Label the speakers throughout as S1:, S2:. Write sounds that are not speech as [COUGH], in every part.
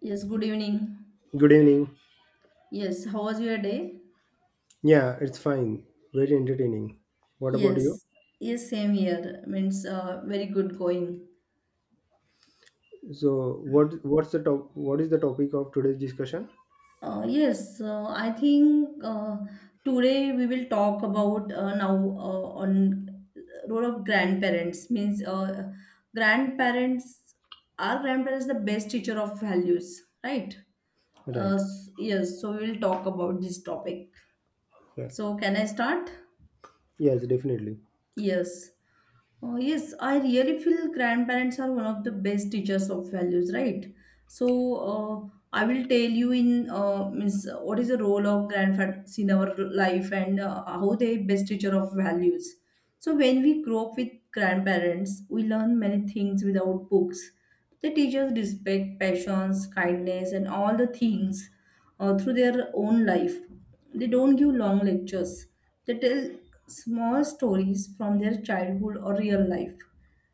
S1: Yes, good evening.
S2: Good evening.
S1: Yes, how was your day?
S2: Yeah, it's fine. Very entertaining. What about you?
S1: Yes, yes, same here. Means Very good going.
S2: So, what's the top? What is the topic of today's discussion?
S1: Yes, I think today we will talk about now on role of grandparents. Means Grandparents, are grandparents the best teacher of values, right? Uh,
S2: Right.
S1: s- yes, so we will talk about this topic.
S2: Yeah.
S1: So can I start?
S2: Yes, definitely.
S1: Yes. Oh, yes, I really feel grandparents are one of the best teachers of values, right? So, I will tell you in means what is the role of grandparents in our life, and how they best teacher of values. So, when we grow up with grandparents, we learn many things without books. They teach us respect, patience, kindness, and all the things through their own life. They don't give long lectures, they tell small stories from their childhood or real life.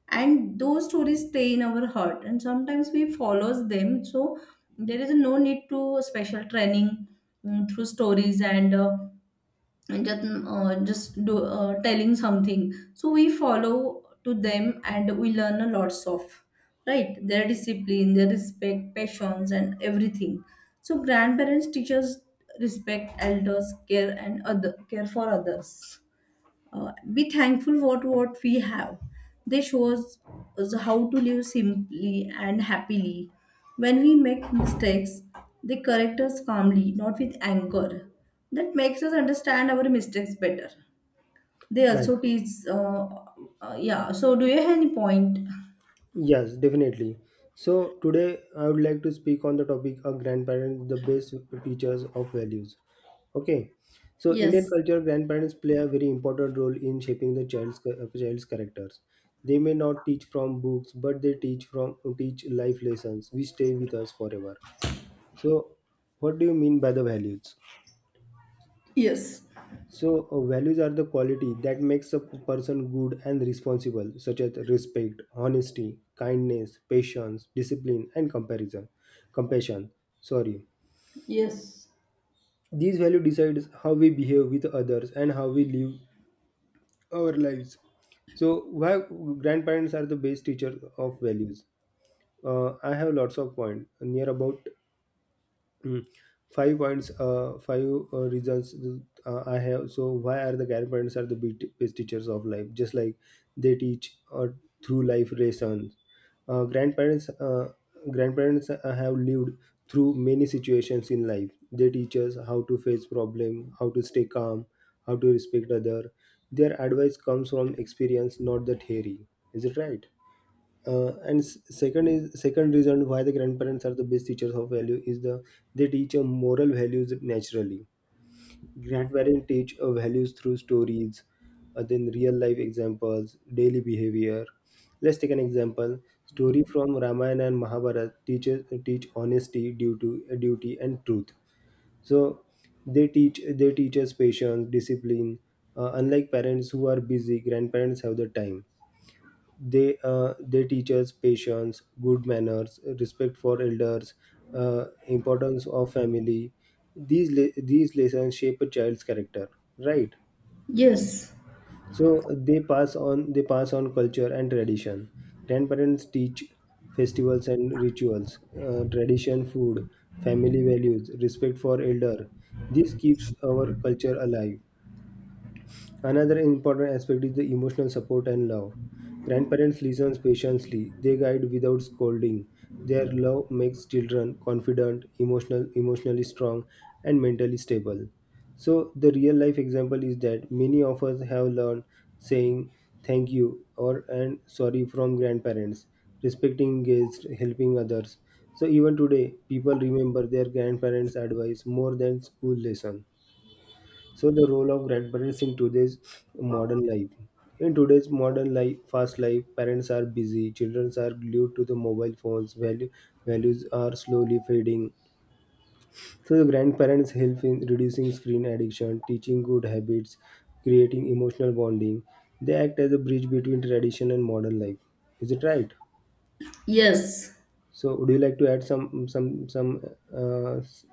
S1: And those stories stay in our heart, and sometimes we follow them. So there is no need to special training, through stories, and just telling something so we follow to them, and we learn a lots of, right, their discipline, their respect, passions, and everything. So grandparents teach us respect elders, care, and other care for others. Be thankful what we have. They show us how to live simply and happily. When we make mistakes, they correct us calmly, not with anger. That makes us understand our mistakes better. They
S2: Right.
S1: also teach yeah, so do you have any point?
S2: Yes, definitely. So today I would like to speak on the topic of grandparents, the best teachers of values. Okay. So Indian
S1: Yes,
S2: culture, grandparents play a very important role in shaping the child's characters. They may not teach from books, but they teach life lessons which stay with us forever. So, what do you mean by the values?
S1: yes,
S2: So, values are the quality that makes a person good and responsible, such as respect, honesty, kindness, patience, discipline, and compassion. Sorry,
S1: yes,
S2: these values decides how we behave with others and how we live our lives. So, why grandparents are the best teacher of values? I have lots of point near about. Mm. Five points, five reasons I have. So why are the grandparents are the best teachers of life? Just like they teach through life lessons. Uh, grandparents, uh, grandparents have lived through many situations in life. They teach us how to face problem, how to stay calm, how to respect other. Their advice comes from experience, not the theory. Is it right? And second reason why the grandparents are the best teachers of value is they teach a moral values naturally. Grandparents teach values through stories, then real life examples, daily behavior. Let's take an example. Story from Ramayana and Mahabharata teach honesty, duty and truth. So they teach us patience, discipline. Unlike parents who are busy, grandparents have the time. They teach us patience, good manners, respect for elders, importance of family. These lessons shape a child's character, right?
S1: yes,
S2: So they pass on culture and tradition. Grandparents teach festivals and rituals, tradition, food, family values, respect for elder. This keeps our culture alive. Another important aspect is the emotional support and love. Grandparents listen patiently, they guide without scolding. Their love makes children confident, emotionally strong, and mentally stable. So the real life example is that many of us have learned saying thank you or and sorry from grandparents, respecting guests, helping others. So even today, people remember their grandparents' advice more than school lesson. So the role of grandparents in today's modern life. In today's modern life, fast life, parents are busy, children are glued to the mobile phones, values are slowly fading. So the grandparents help in reducing screen addiction, teaching good habits, creating emotional bonding. They act as a bridge between tradition and modern life. Is it right?
S1: yes.
S2: So would you like to add uh, s-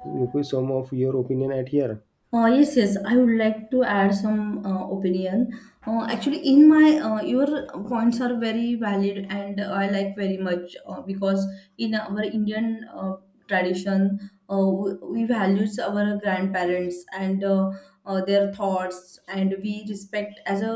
S2: some of your opinion at here?
S1: Yes. I would like to add some opinion. Actually, in my your points are very valid, and I like very much because in our Indian tradition, we values our grandparents and their thoughts, and we respect as a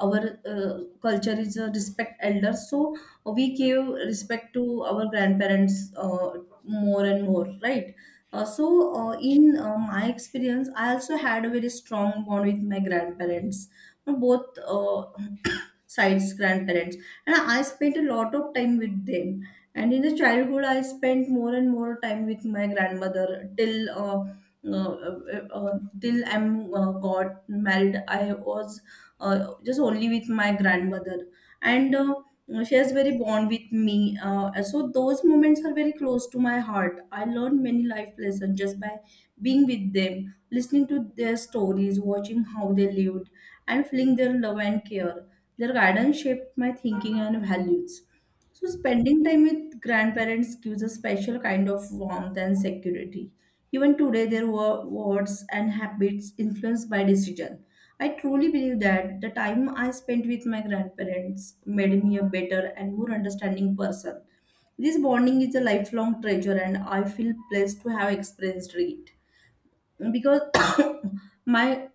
S1: our culture is a respect elders. So we give respect to our grandparents more and more, right? So, in my experience, I also had a very strong bond with my grandparents, both [COUGHS] [CLEARS THROAT] sides grandparents, and I spent a lot of time with them. And in the childhood, I spent more and more time with my grandmother till till I'm got married. I was just only with my grandmother. And. She is very bond with me, so those moments are very close to my heart. I learned many life lessons just by being with them, listening to their stories, watching how they lived, and feeling their love and care. Their guidance shaped my thinking and values. So spending time with grandparents gives a special kind of warmth and security. Even today, there were words and habits influenced by decision. I truly believe that the time I spent with my grandparents made me a better and more understanding person. This bonding is a lifelong treasure, and I feel blessed to have experienced it. Because [COUGHS] my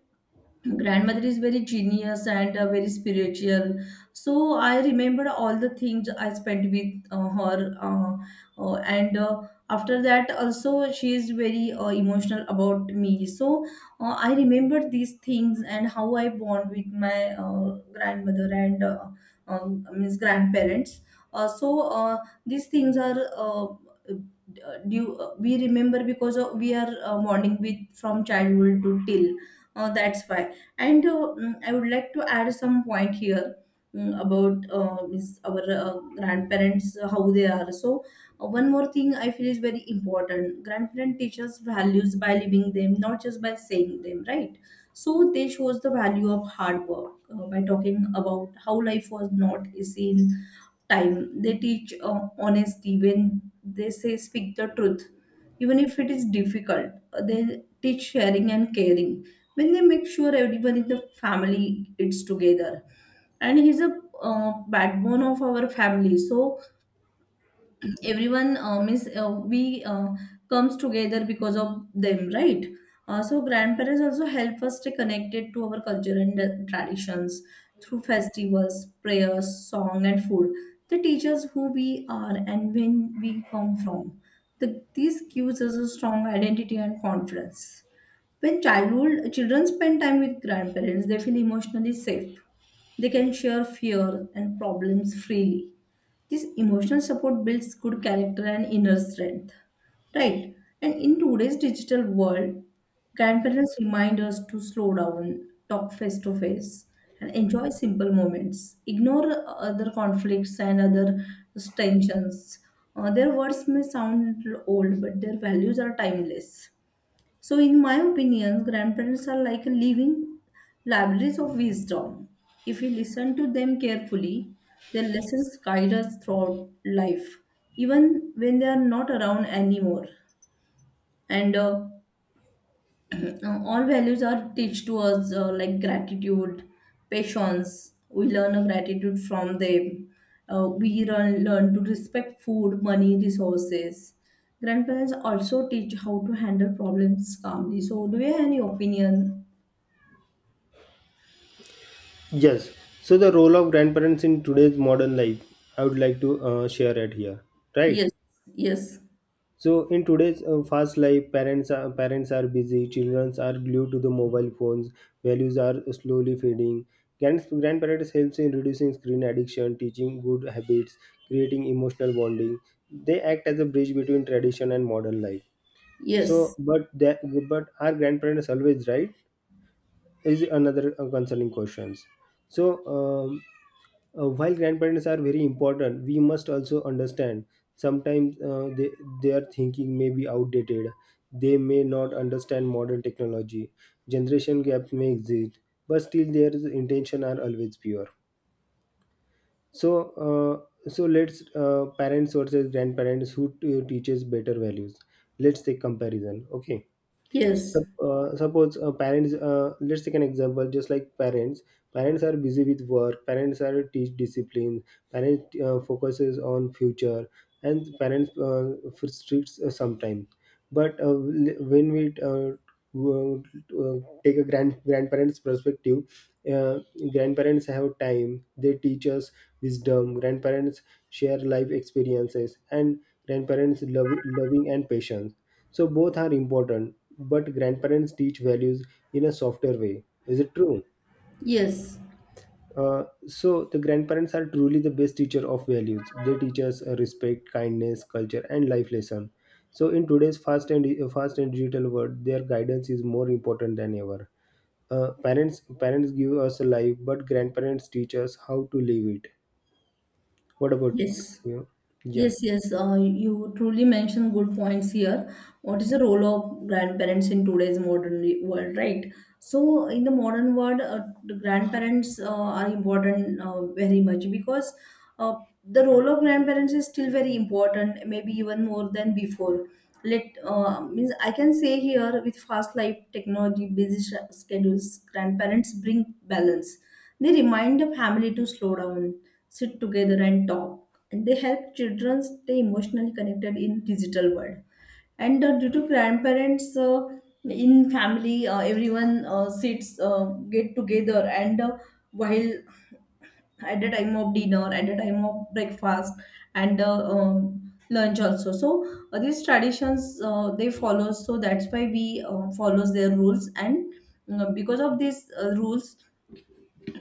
S1: grandmother is very genius and very spiritual, so I remembered all the things I spent with her. And After that also, she is very emotional about me, so I remember these things and how I bond with my grandmother, and means grandparents. uh, so uh, these things are due, we remember because of, we are bonding with from childhood to till, that's why. I would like to add some point here, mm, about means our grandparents, how they are. So, one more thing I feel is very important. Grandparent teaches values by living them, not just by saying them, right? So, they shows the value of hard work by talking about how life was not easy in time. They teach honesty when they say speak the truth, even if it is difficult. They teach sharing and caring when they make sure everyone in the family eats together, and he's a backbone of our family, so everyone, means we comes together because of them, right? So grandparents also help us stay connected to our culture and traditions through festivals, prayers, song, and food. They teach us who we are and when we come from. This gives us a strong identity and confidence. When childhood children spend time with grandparents, they feel emotionally safe. They can share fear and problems freely. This emotional support builds good character and inner strength. Right. And in today's digital world, grandparents remind us to slow down, talk face to face, and enjoy simple moments. Ignore other conflicts and other tensions. Their words may sound old, but their values are timeless. So, in my opinion, grandparents are like living libraries of wisdom. If we listen to them carefully, their lessons guide us throughout life, even when they are not around anymore. And all values are teach to us like gratitude, patience. We learn a gratitude from them. We learn to respect food, money, resources. Grandparents also teach how to handle problems calmly. So, do you have any opinion?
S2: Yes. So the role of grandparents in today's modern life, I would like to share it here, right?
S1: Yes, yes,
S2: So in today's fast life, parents are busy, children are glued to the mobile phones, values are slowly fading. Grandparents helps in reducing screen addiction, teaching good habits, creating emotional bonding. They act as a bridge between tradition and modern life. So,
S1: yes,
S2: but are grandparents always right? Is another concerning questions. So. While grandparents are very important, we must also understand sometimes their thinking may be outdated. They may not understand modern technology. Generation gaps may exist, but still their intention are always pure. So, let's parents versus grandparents who teaches better values. Let's take comparison. Okay.
S1: yes,
S2: Suppose parents let's take an example, just like parents are busy with work, parents are teach discipline, parents focuses on future, and parents for streets sometime. But when we go- uh, take a grandparents perspective, uh, grandparents have time, they teach us wisdom, grandparents share life experiences, and grandparents loving and patience. So both are important, but grandparents teach values in a softer way. Is it true?
S1: yes,
S2: So the grandparents are truly the best teacher of values. They teach us respect, kindness, culture, and life lesson. So in today's fast and digital world, their guidance is more important than ever. Parents give us a life, but grandparents teach us how to live it. What about
S1: yes.
S2: you? Yeah,
S1: Yes, yes, you truly mentioned good points here. What is the role of grandparents in today's modern re- world, right? So, in the modern world, the grandparents are important very much because uh, the role of grandparents is still very important, maybe even more than before. Let means I can say here with fast life, technology, busy sch- schedules, grandparents bring balance. They remind the family to slow down, sit together and talk, and they help children stay emotionally connected in digital world. And due to grandparents, in family, everyone sits, get together, and while at the time of dinner, at the time of breakfast, and lunch also. So these traditions they follow, so that's why we follows their rules. And because of these rules,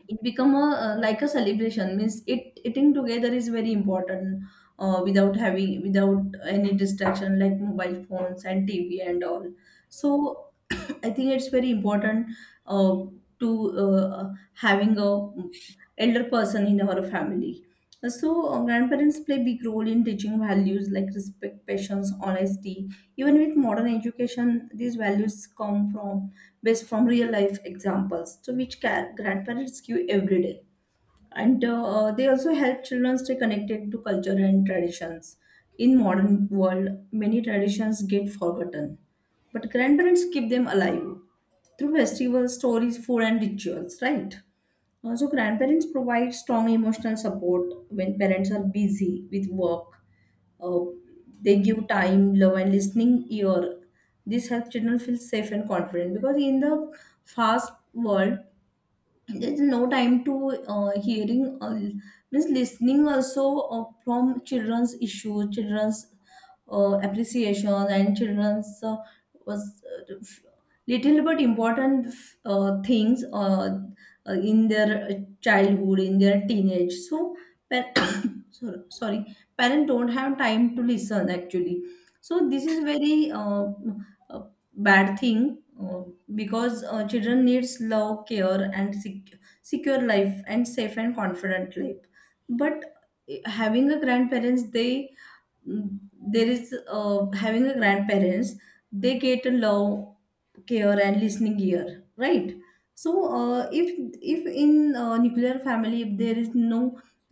S1: it become a like a celebration. Means it eating together is very important, without having, without any distraction like mobile phones and TV and all. So [COUGHS] [CLEARS THROAT] I think it's very important, uh, to uh, having a elder person in our family. So, grandparents play big role in teaching values like respect, patience, honesty. Even with modern education, these values come from based from real life examples, so which ca- grandparents give every day. And they also help children stay connected to culture and traditions. In modern world, many traditions get forgotten, but grandparents keep them alive through festivals, stories, food, and rituals, right? So grandparents provide strong emotional support when parents are busy with work. Uh, they give time, love, and listening ear. This helps children feel safe and confident because in the fast world, there's no time to hearing, means listening also, from children's issues, children's appreciation, and children's was uh, f- little but important things, in their childhood, in their teenage. So par- [COUGHS] sorry, sorry, parents don't have time to listen actually. So this is very uh, bad thing, uh, because children needs love, care, and sec- secure life, and safe and confident life. But eh, having a grandparents they mm, there is having a grandparents, they get a love, care, and listening ear, right? So if in nuclear family, if there is no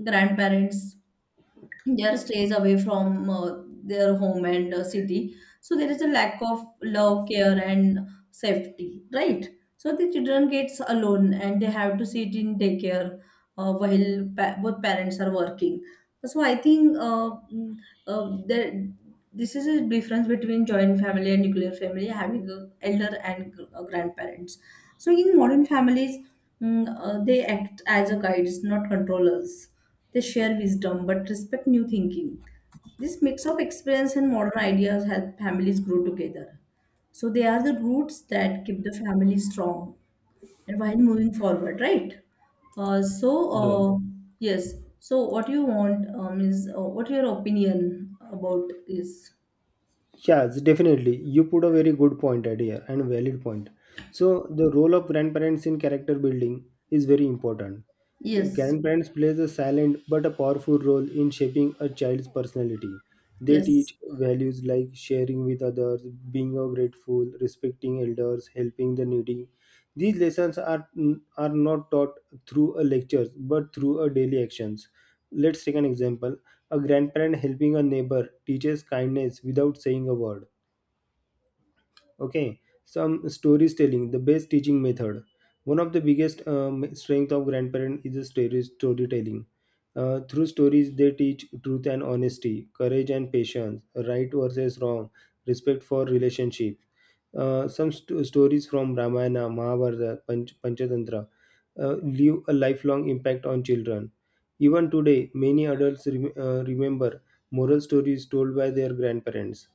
S1: grandparents, their stays away from their home and city, so there is a lack of love, care, and safety, right? So the children gets alone and they have to sit in daycare while pa- both parents are working. So I think there, this is a difference between joint family and nuclear family, having a elder and gr- grandparents. So in modern families, they act as a guides, not controllers. They share wisdom but respect new thinking. This mix of experience and modern ideas help families grow together. So they are the roots that keep the family strong and while moving forward, right? uh, so
S2: right.
S1: uh, yes, so what you want, is what your opinion about is?
S2: Yes, definitely. You put a very good point at here and valid point. So the role of grandparents in character building is very important. G-
S1: Yes,
S2: Grandparents plays a silent but a powerful role in shaping a child's personality. They
S1: yes,
S2: teach values like sharing with others, being grateful, respecting elders, helping the needy. These lessons are not taught through a lectures but through a daily actions. Let's take an example. A grandparent helping a neighbor teaches kindness without saying a word. Okay, some stories telling, the best teaching method. One of the biggest strength of grandparents is the storytelling. Through stories, they teach truth and honesty, courage and patience, right versus wrong, respect for relationship. Some stories from Ramayana, Mahabharata, Panchatantra leave a lifelong impact on children. Even today, many adults remember moral stories told by their grandparents.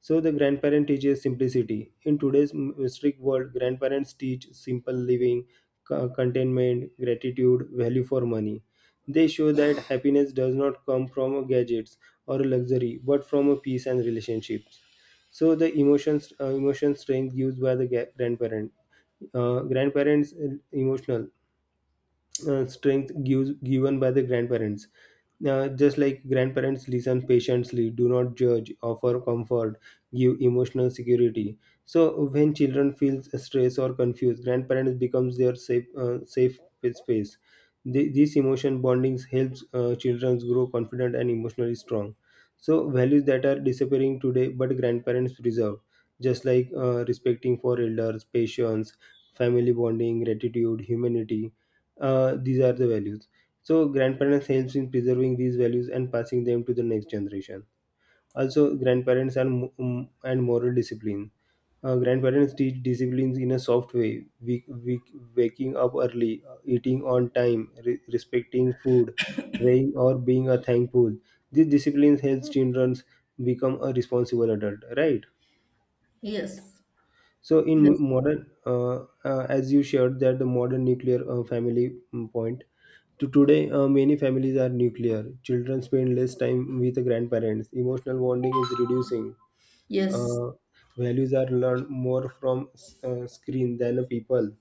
S2: So the grandparent teaches simplicity. In today's strict world, grandparents teach simple living, contentment, gratitude, value for money. They show that [SIGHS] happiness does not come from gadgets or luxury, but from a peace and relationships. So the emotion strength used by the grandparent. Grandparents emotional strength given by the grandparents. Just like grandparents listen patiently, do not judge, offer comfort, give emotional security. So when children feel stressed or confused, grandparents becomes their safe space. This emotion bondings helps children grow confident and emotionally strong. So values that are disappearing today, but grandparents preserve, just like respecting for elders, patience, family bonding, gratitude, humanity. These are the values. So grandparents helps in preserving these values and passing them to the next generation. Also, grandparents are mo- and moral discipline. Grandparents teach disciplines in a soft way, waking up early, eating on time, respecting food, praying or being a thankful. These disciplines helps children become a responsible adult, right?
S1: yes,
S2: So
S1: yes,
S2: in modern, as you shared that the modern nuclear family point, to today many families are nuclear. Children spend less time with the grandparents. Emotional bonding is reducing.
S1: yes,
S2: Uh, Values are learned more from screen than the people.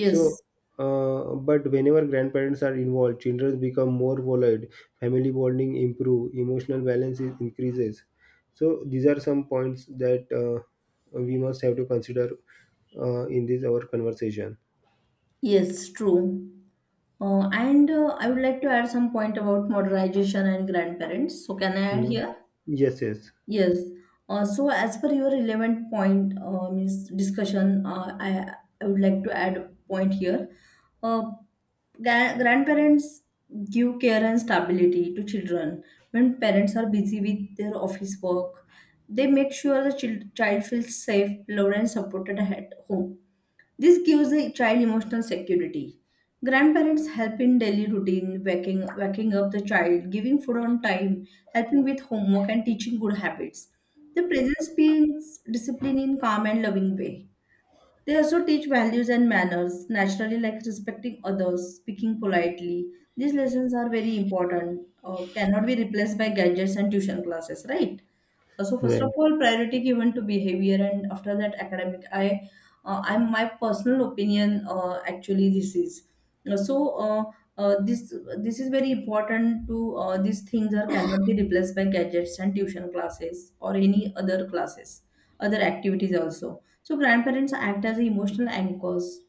S2: So, but whenever grandparents are involved, children become more volatile, family bonding improve, emotional balance increases. So these are some points that we must have to consider in this our conversation.
S1: yes, true. And I would like to add some point about modernization and grandparents. So, can I add
S2: Mhm.
S1: here?
S2: Yes, yes,
S1: Yes. So as per your relevant point, means discussion, I would like to add a point here. Uh, Grandparents give care and stability to children. When parents are busy with their office work, they make sure the chil- child feels safe, loved, and supported at home. This gives the child emotional security. Grandparents help in daily routine, waking up the child, giving food on time, helping with homework, and teaching good habits. The presence builds discipline in calm and loving way. They also teach values and manners, naturally, like respecting others, speaking politely. These lessons are very important, cannot be replaced by gadgets and tuition classes, right? So first of
S2: right,
S1: all, priority given to behavior, and after that, academic. I'm my personal opinion. Actually, this is. So. Uh, this this is very important to. These things are cannot be replaced by gadgets and tuition classes or any other classes, other activities also. So grandparents act as emotional anchors.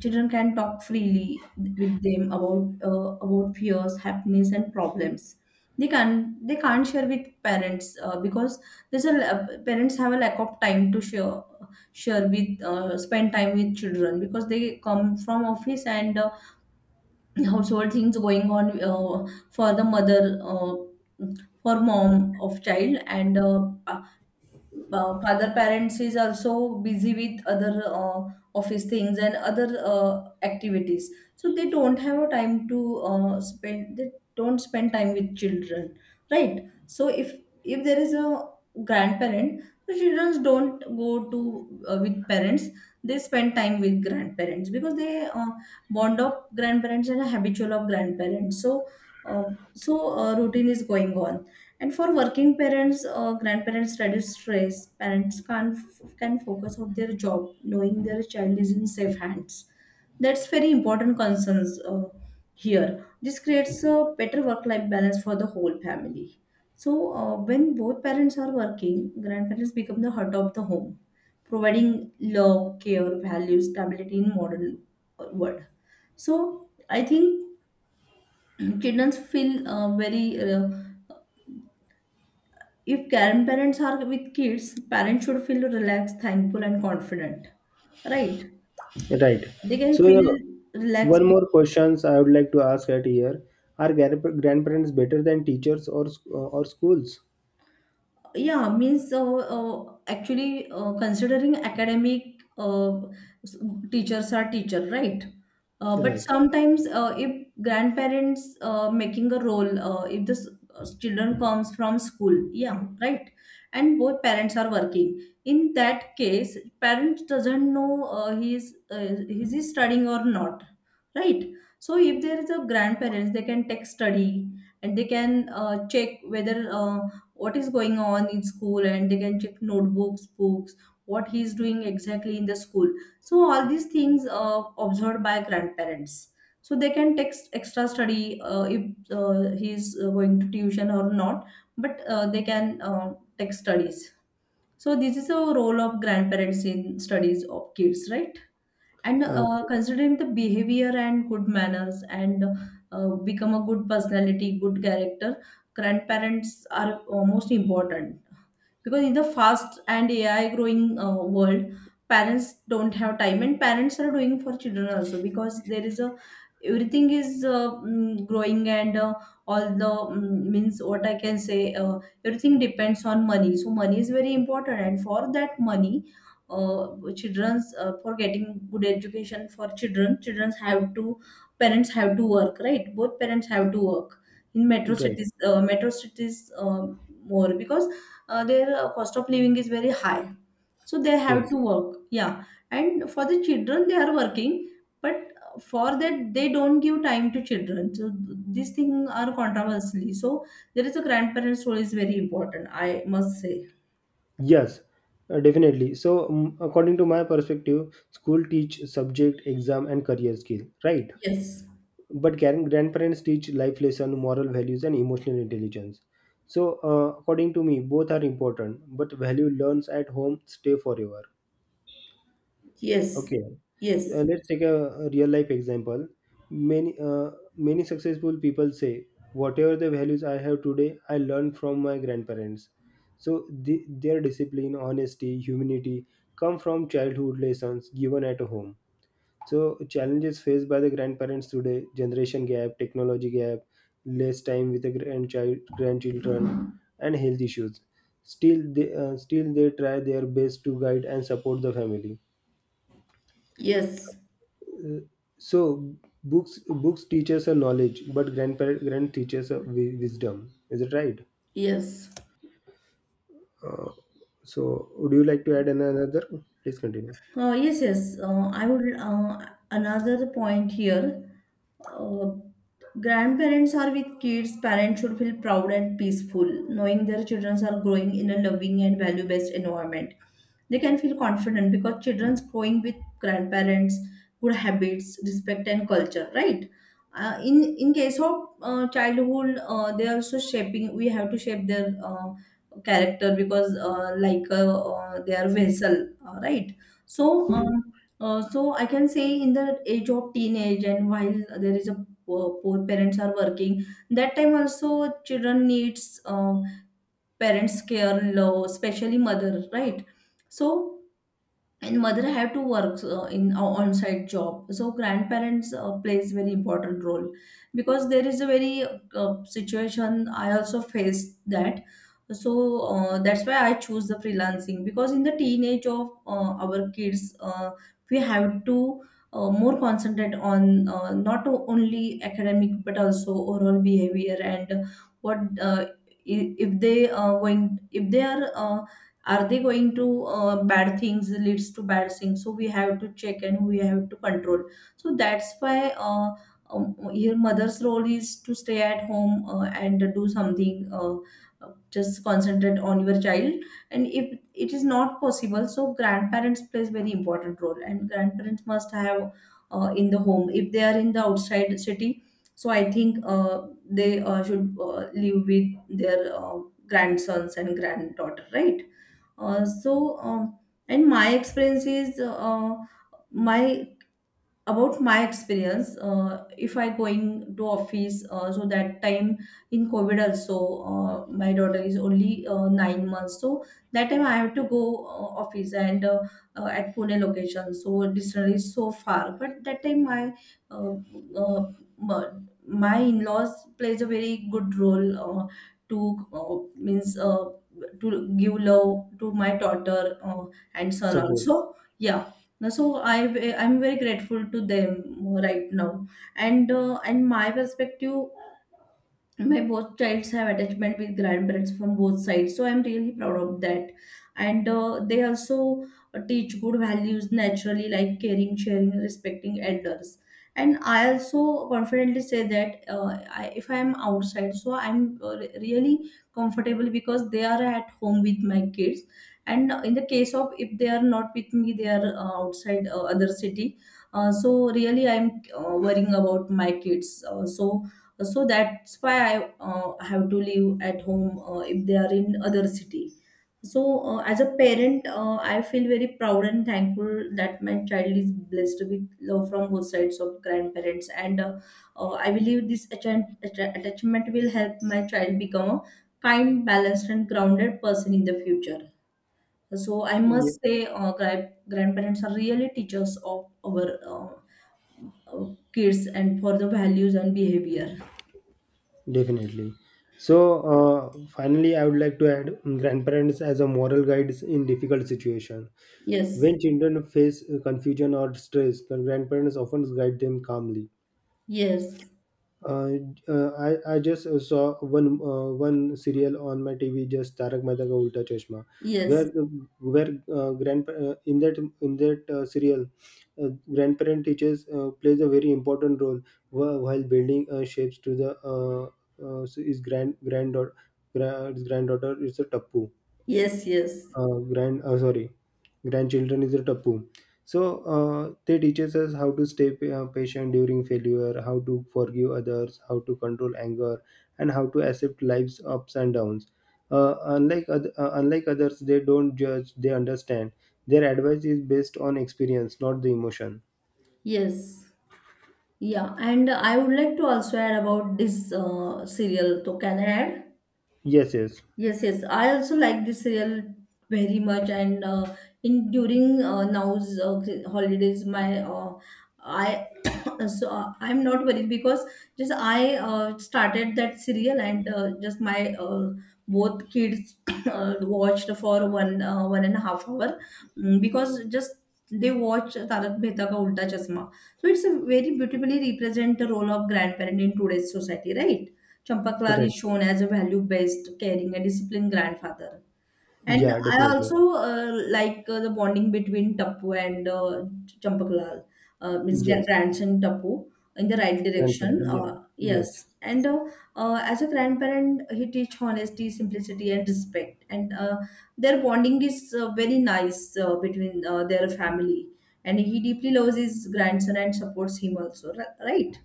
S1: Children can talk freely with them about, fears, happiness, and problems they can't share with parents, because parents have a lack of time to share with spend time with children, because they come from office, and [CLEARS THROAT] household things going on, for the mother, for mom of child, and father. Parents is also busy with other office things and other activities. So they don't have a time to, spend they don't spend time with children, right? So if there is a grandparent, the children don't go to, with parents. They spend time with grandparents, because they, bond of grandparents and habitual of grandparents. So, uh, routine is going on. And for working parents or grandparents, reduce stress. Parents can focus on their job, knowing their child is in safe hands. That's very important concerns, here. This creates a better work-life balance for the whole family. So when both parents are working, grandparents become the heart of the home, providing love, care, value, stability in modern, world. So I think [CLEARS THROAT] children feel, very uh, if grandparents are with kids, parents should feel relaxed, thankful, and confident. Right?
S2: right.
S1: They can
S2: So,
S1: feel relaxed.
S2: one more questions I would like to ask at here: Are grandparents better than teachers or schools?
S1: Yeah, means, actually, considering academic, s- teachers are teacher, right? But
S2: Right.
S1: sometimes, if grandparents making a role, if children comes from school, yeah, right? And both parents are working. In that case, parents doesn't know, he is he studying or not, right? So if there is a grandparents, they can take study, and they can check whether, what is going on in school. And they can check notebooks, books, what he is doing exactly in the school. So all these things observed by grandparents, so they can take extra study, if he is going to tuition or not. But they can take studies. So this is a role of grandparents in studies of kids, right? And
S2: Okay.
S1: considering the behavior and good manners, and become a good personality, good character, grandparents are most important, because in the fast and AI growing, world, parents don't have time. And parents are doing for children also, because there is a, everything is growing, and all the, means what I can say, everything depends on money. So money is very important, and for that money, uh, children's, for getting good education for children, children's have to parents have to work, right? Both parents have to work in metro
S2: Right.
S1: cities, metro cities um more, because their cost of living is very high, so they have
S2: Yes.
S1: to work, yeah. And for the children they are working, but for that, they don't give time to children. So these things are controversially, so there is a, grandparents role is very important, I must say.
S2: Yes, definitely. So, according to my perspective, school teach subject, exam, and career skill, right?
S1: Yes,
S2: But grandparents teach life lesson, moral values, and emotional intelligence. So, according to me, both are important. But value learns at home stay forever.
S1: yes,
S2: Okay.
S1: yes,
S2: Let's take a real life example. Many many successful people say whatever the values I have today, I learned from my grandparents. So their discipline, honesty, humanity come from childhood lessons given at home. So challenges faced by the grandparents today: generation gap, technology gap, less time with the grandchild grandchildren, and health issues. Still they try their best to guide and support the family.
S1: yes,
S2: So books teach us a knowledge, but grandparent grand teaches a wisdom. Is it right?
S1: yes.
S2: Uh, so would you like to add another? Please continue.
S1: Yes, yes. I would, another point here. Uh, Grandparents are with kids. Parents should feel proud and peaceful, knowing their children are growing in a loving and value-based environment. They can feel confident, because children's growing with grandparents, good habits, respect, and culture. Right. In case of childhood, they are also shaping. We have to shape their character, because, like, they are vessel. Right. So, so I can say in the age of teenage, and while there is a poor, parents are working, that time also, children needs parents care love, especially mother, right? So, and mother have to work in a on-site job, so grandparents plays very important role, because there is a very, situation I also faced, that. So that's why I choose the freelancing, because in the teenage of our kids, we have to more concentrate on, not only academic but also overall behavior. And what, if they are going, if they are they going to, bad things leads to bad things. So we have to check, and we have to control. So that's why, your mother's role is to stay at home and do something, just concentrate on your child. And if it is not possible, so grandparents plays very important role. And grandparents must have in the home, if they are in the outside city. So I think they should live with their grandsons and granddaughter, right? uh, so um, and my experience is, my about my experience, if I going to office, so that time in COVID also, my daughter is only 9 months. So that time I have to go office, and at Pune location, so distance is so far. But that time my, uh, uh, m- my in-laws plays a very good role, to, uh, means, to give love to my daughter, uh, and son
S2: Support.
S1: also. Yeah. No, so I'm very grateful to them right now, and, my perspective, my both childs have attachment with grandparents from both sides, so I'm really proud of that. And they also teach good values naturally, like caring, sharing, respecting elders. And I also confidently say that, if I am outside, so I'm really comfortable, because they are at home with my kids. And in the case of, if they are not with me, they are outside, other city. So really I'm worrying about my kids, so so that's why I have to live at home, if they are in other city. So as a parent, I feel very proud and thankful that my child is blessed with love from both sides of grandparents. And I believe this attachment will help my child become a kind, balanced, and grounded person in the future. So I
S2: Yeah,
S1: must say, grandparents are really teachers of our uh, uh, kids, and for the values and behavior.
S2: definitely. So finally, I would like to add, grandparents as a moral guides in difficult situation.
S1: Yes.
S2: When children face confusion or stress, the grandparents often guide them calmly.
S1: Yes,
S2: Uh, I just saw one serial on my TV, just Tarak Mehta Ka Ulta Chashma, where
S1: yes,
S2: grand in that serial, uh, grandparent teachers plays a very important role, while building shapes to the so his granddaughter, his granddaughter is a tappu,
S1: yes, yes,
S2: grand sorry, grandchildren is a tapu. So they teaches us how to stay patient during failure, how to forgive others, how to control anger, and how to accept life's ups and downs. Unlike unlike others, they don't judge, they understand. Their advice is based on experience, not the emotion.
S1: yes. Yeah, and I would like to also add about this serial. So can I add?
S2: Yes, yes,
S1: Yes, yes. I also like this serial very much, and in during now's holidays, my I [COUGHS] so I'm not worried, because just I started that serial. And just my both kids [COUGHS] watched for 1.5 hour, because just they watch Tarak Mehta Ka Ulta Chashma. So it's a very beautifully represent the role of grandparent in today's society, right? Champaklal is
S2: right,
S1: shown as a value-based, caring, and disciplined grandfather. And
S2: yeah,
S1: I also
S2: definitely,
S1: like the bonding between Tappu and Champaklal, means
S2: yes,
S1: grandson Tappu, in the right
S2: grandson,
S1: direction.
S2: yeah,
S1: Yes.
S2: yes.
S1: And as a grandparent, he teach honesty, simplicity, and respect. And their bonding is very nice between their family. And he deeply loves his grandson and supports him also, right?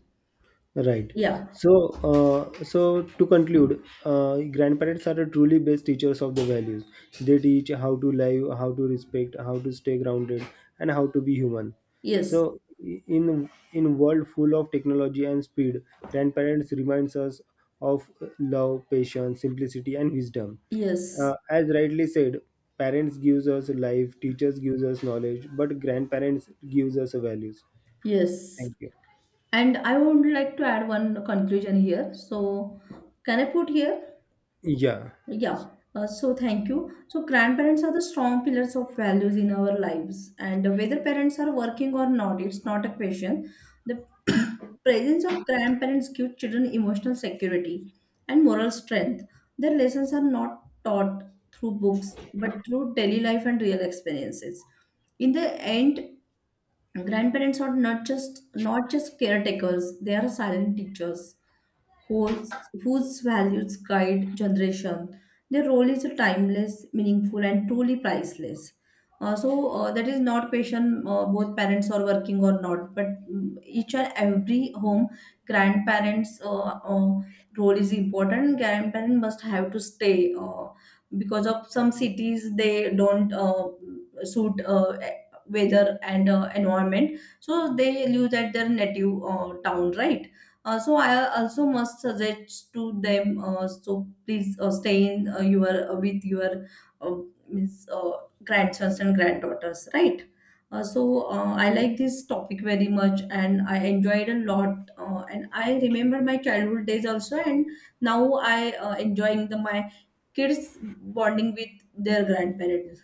S2: Right.
S1: Yeah.
S2: So, to conclude, grandparents are the truly best teachers of the values. They teach how to live, how to respect, how to stay grounded, and how to be human.
S1: Yes.
S2: So, in world full of technology and speed, grandparents reminds us of love, patience, simplicity, and wisdom.
S1: Yes.
S2: As rightly said, parents gives us life, teachers gives us knowledge, but grandparents gives us values.
S1: Yes.
S2: Thank you.
S1: And I would like to add one conclusion here. So, can I put here?
S2: Yeah.
S1: Yeah. Thank you. So, grandparents are the strong pillars of values in our lives. And whether parents are working or not, it's not a question. The [CLEARS THROAT] presence of grandparents gives children emotional security and moral strength. Their lessons are not taught through books, but through daily life and real experiences. In the end, grandparents are not just caretakers. They are silent teachers, whose values guide generation. Their role is timeless, meaningful, and truly priceless. That is not question, both parents are working or not, but each and every home grandparents' role is important. Grandparents must have to stay, because of some cities they don't suit, weather and environment, so they live at their native town, right? I also must suggest to them. Please stay in your, with your, uh, means grandsons and granddaughters, right? I like this topic very much, and I enjoyed a lot. And I remember my childhood days also, and now I enjoying the my kids bonding with their grandparents.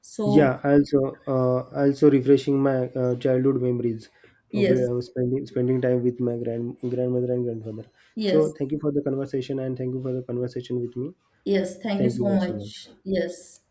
S1: So
S2: Yeah, also refreshing my childhood memories,
S1: yes,
S2: where I was spending time with my grandmother and grandfather.
S1: yes,
S2: So thank you for the conversation and thank you for the conversation with me.
S1: yes. Thank you
S2: Thank you
S1: so
S2: very so much.
S1: much. Yes.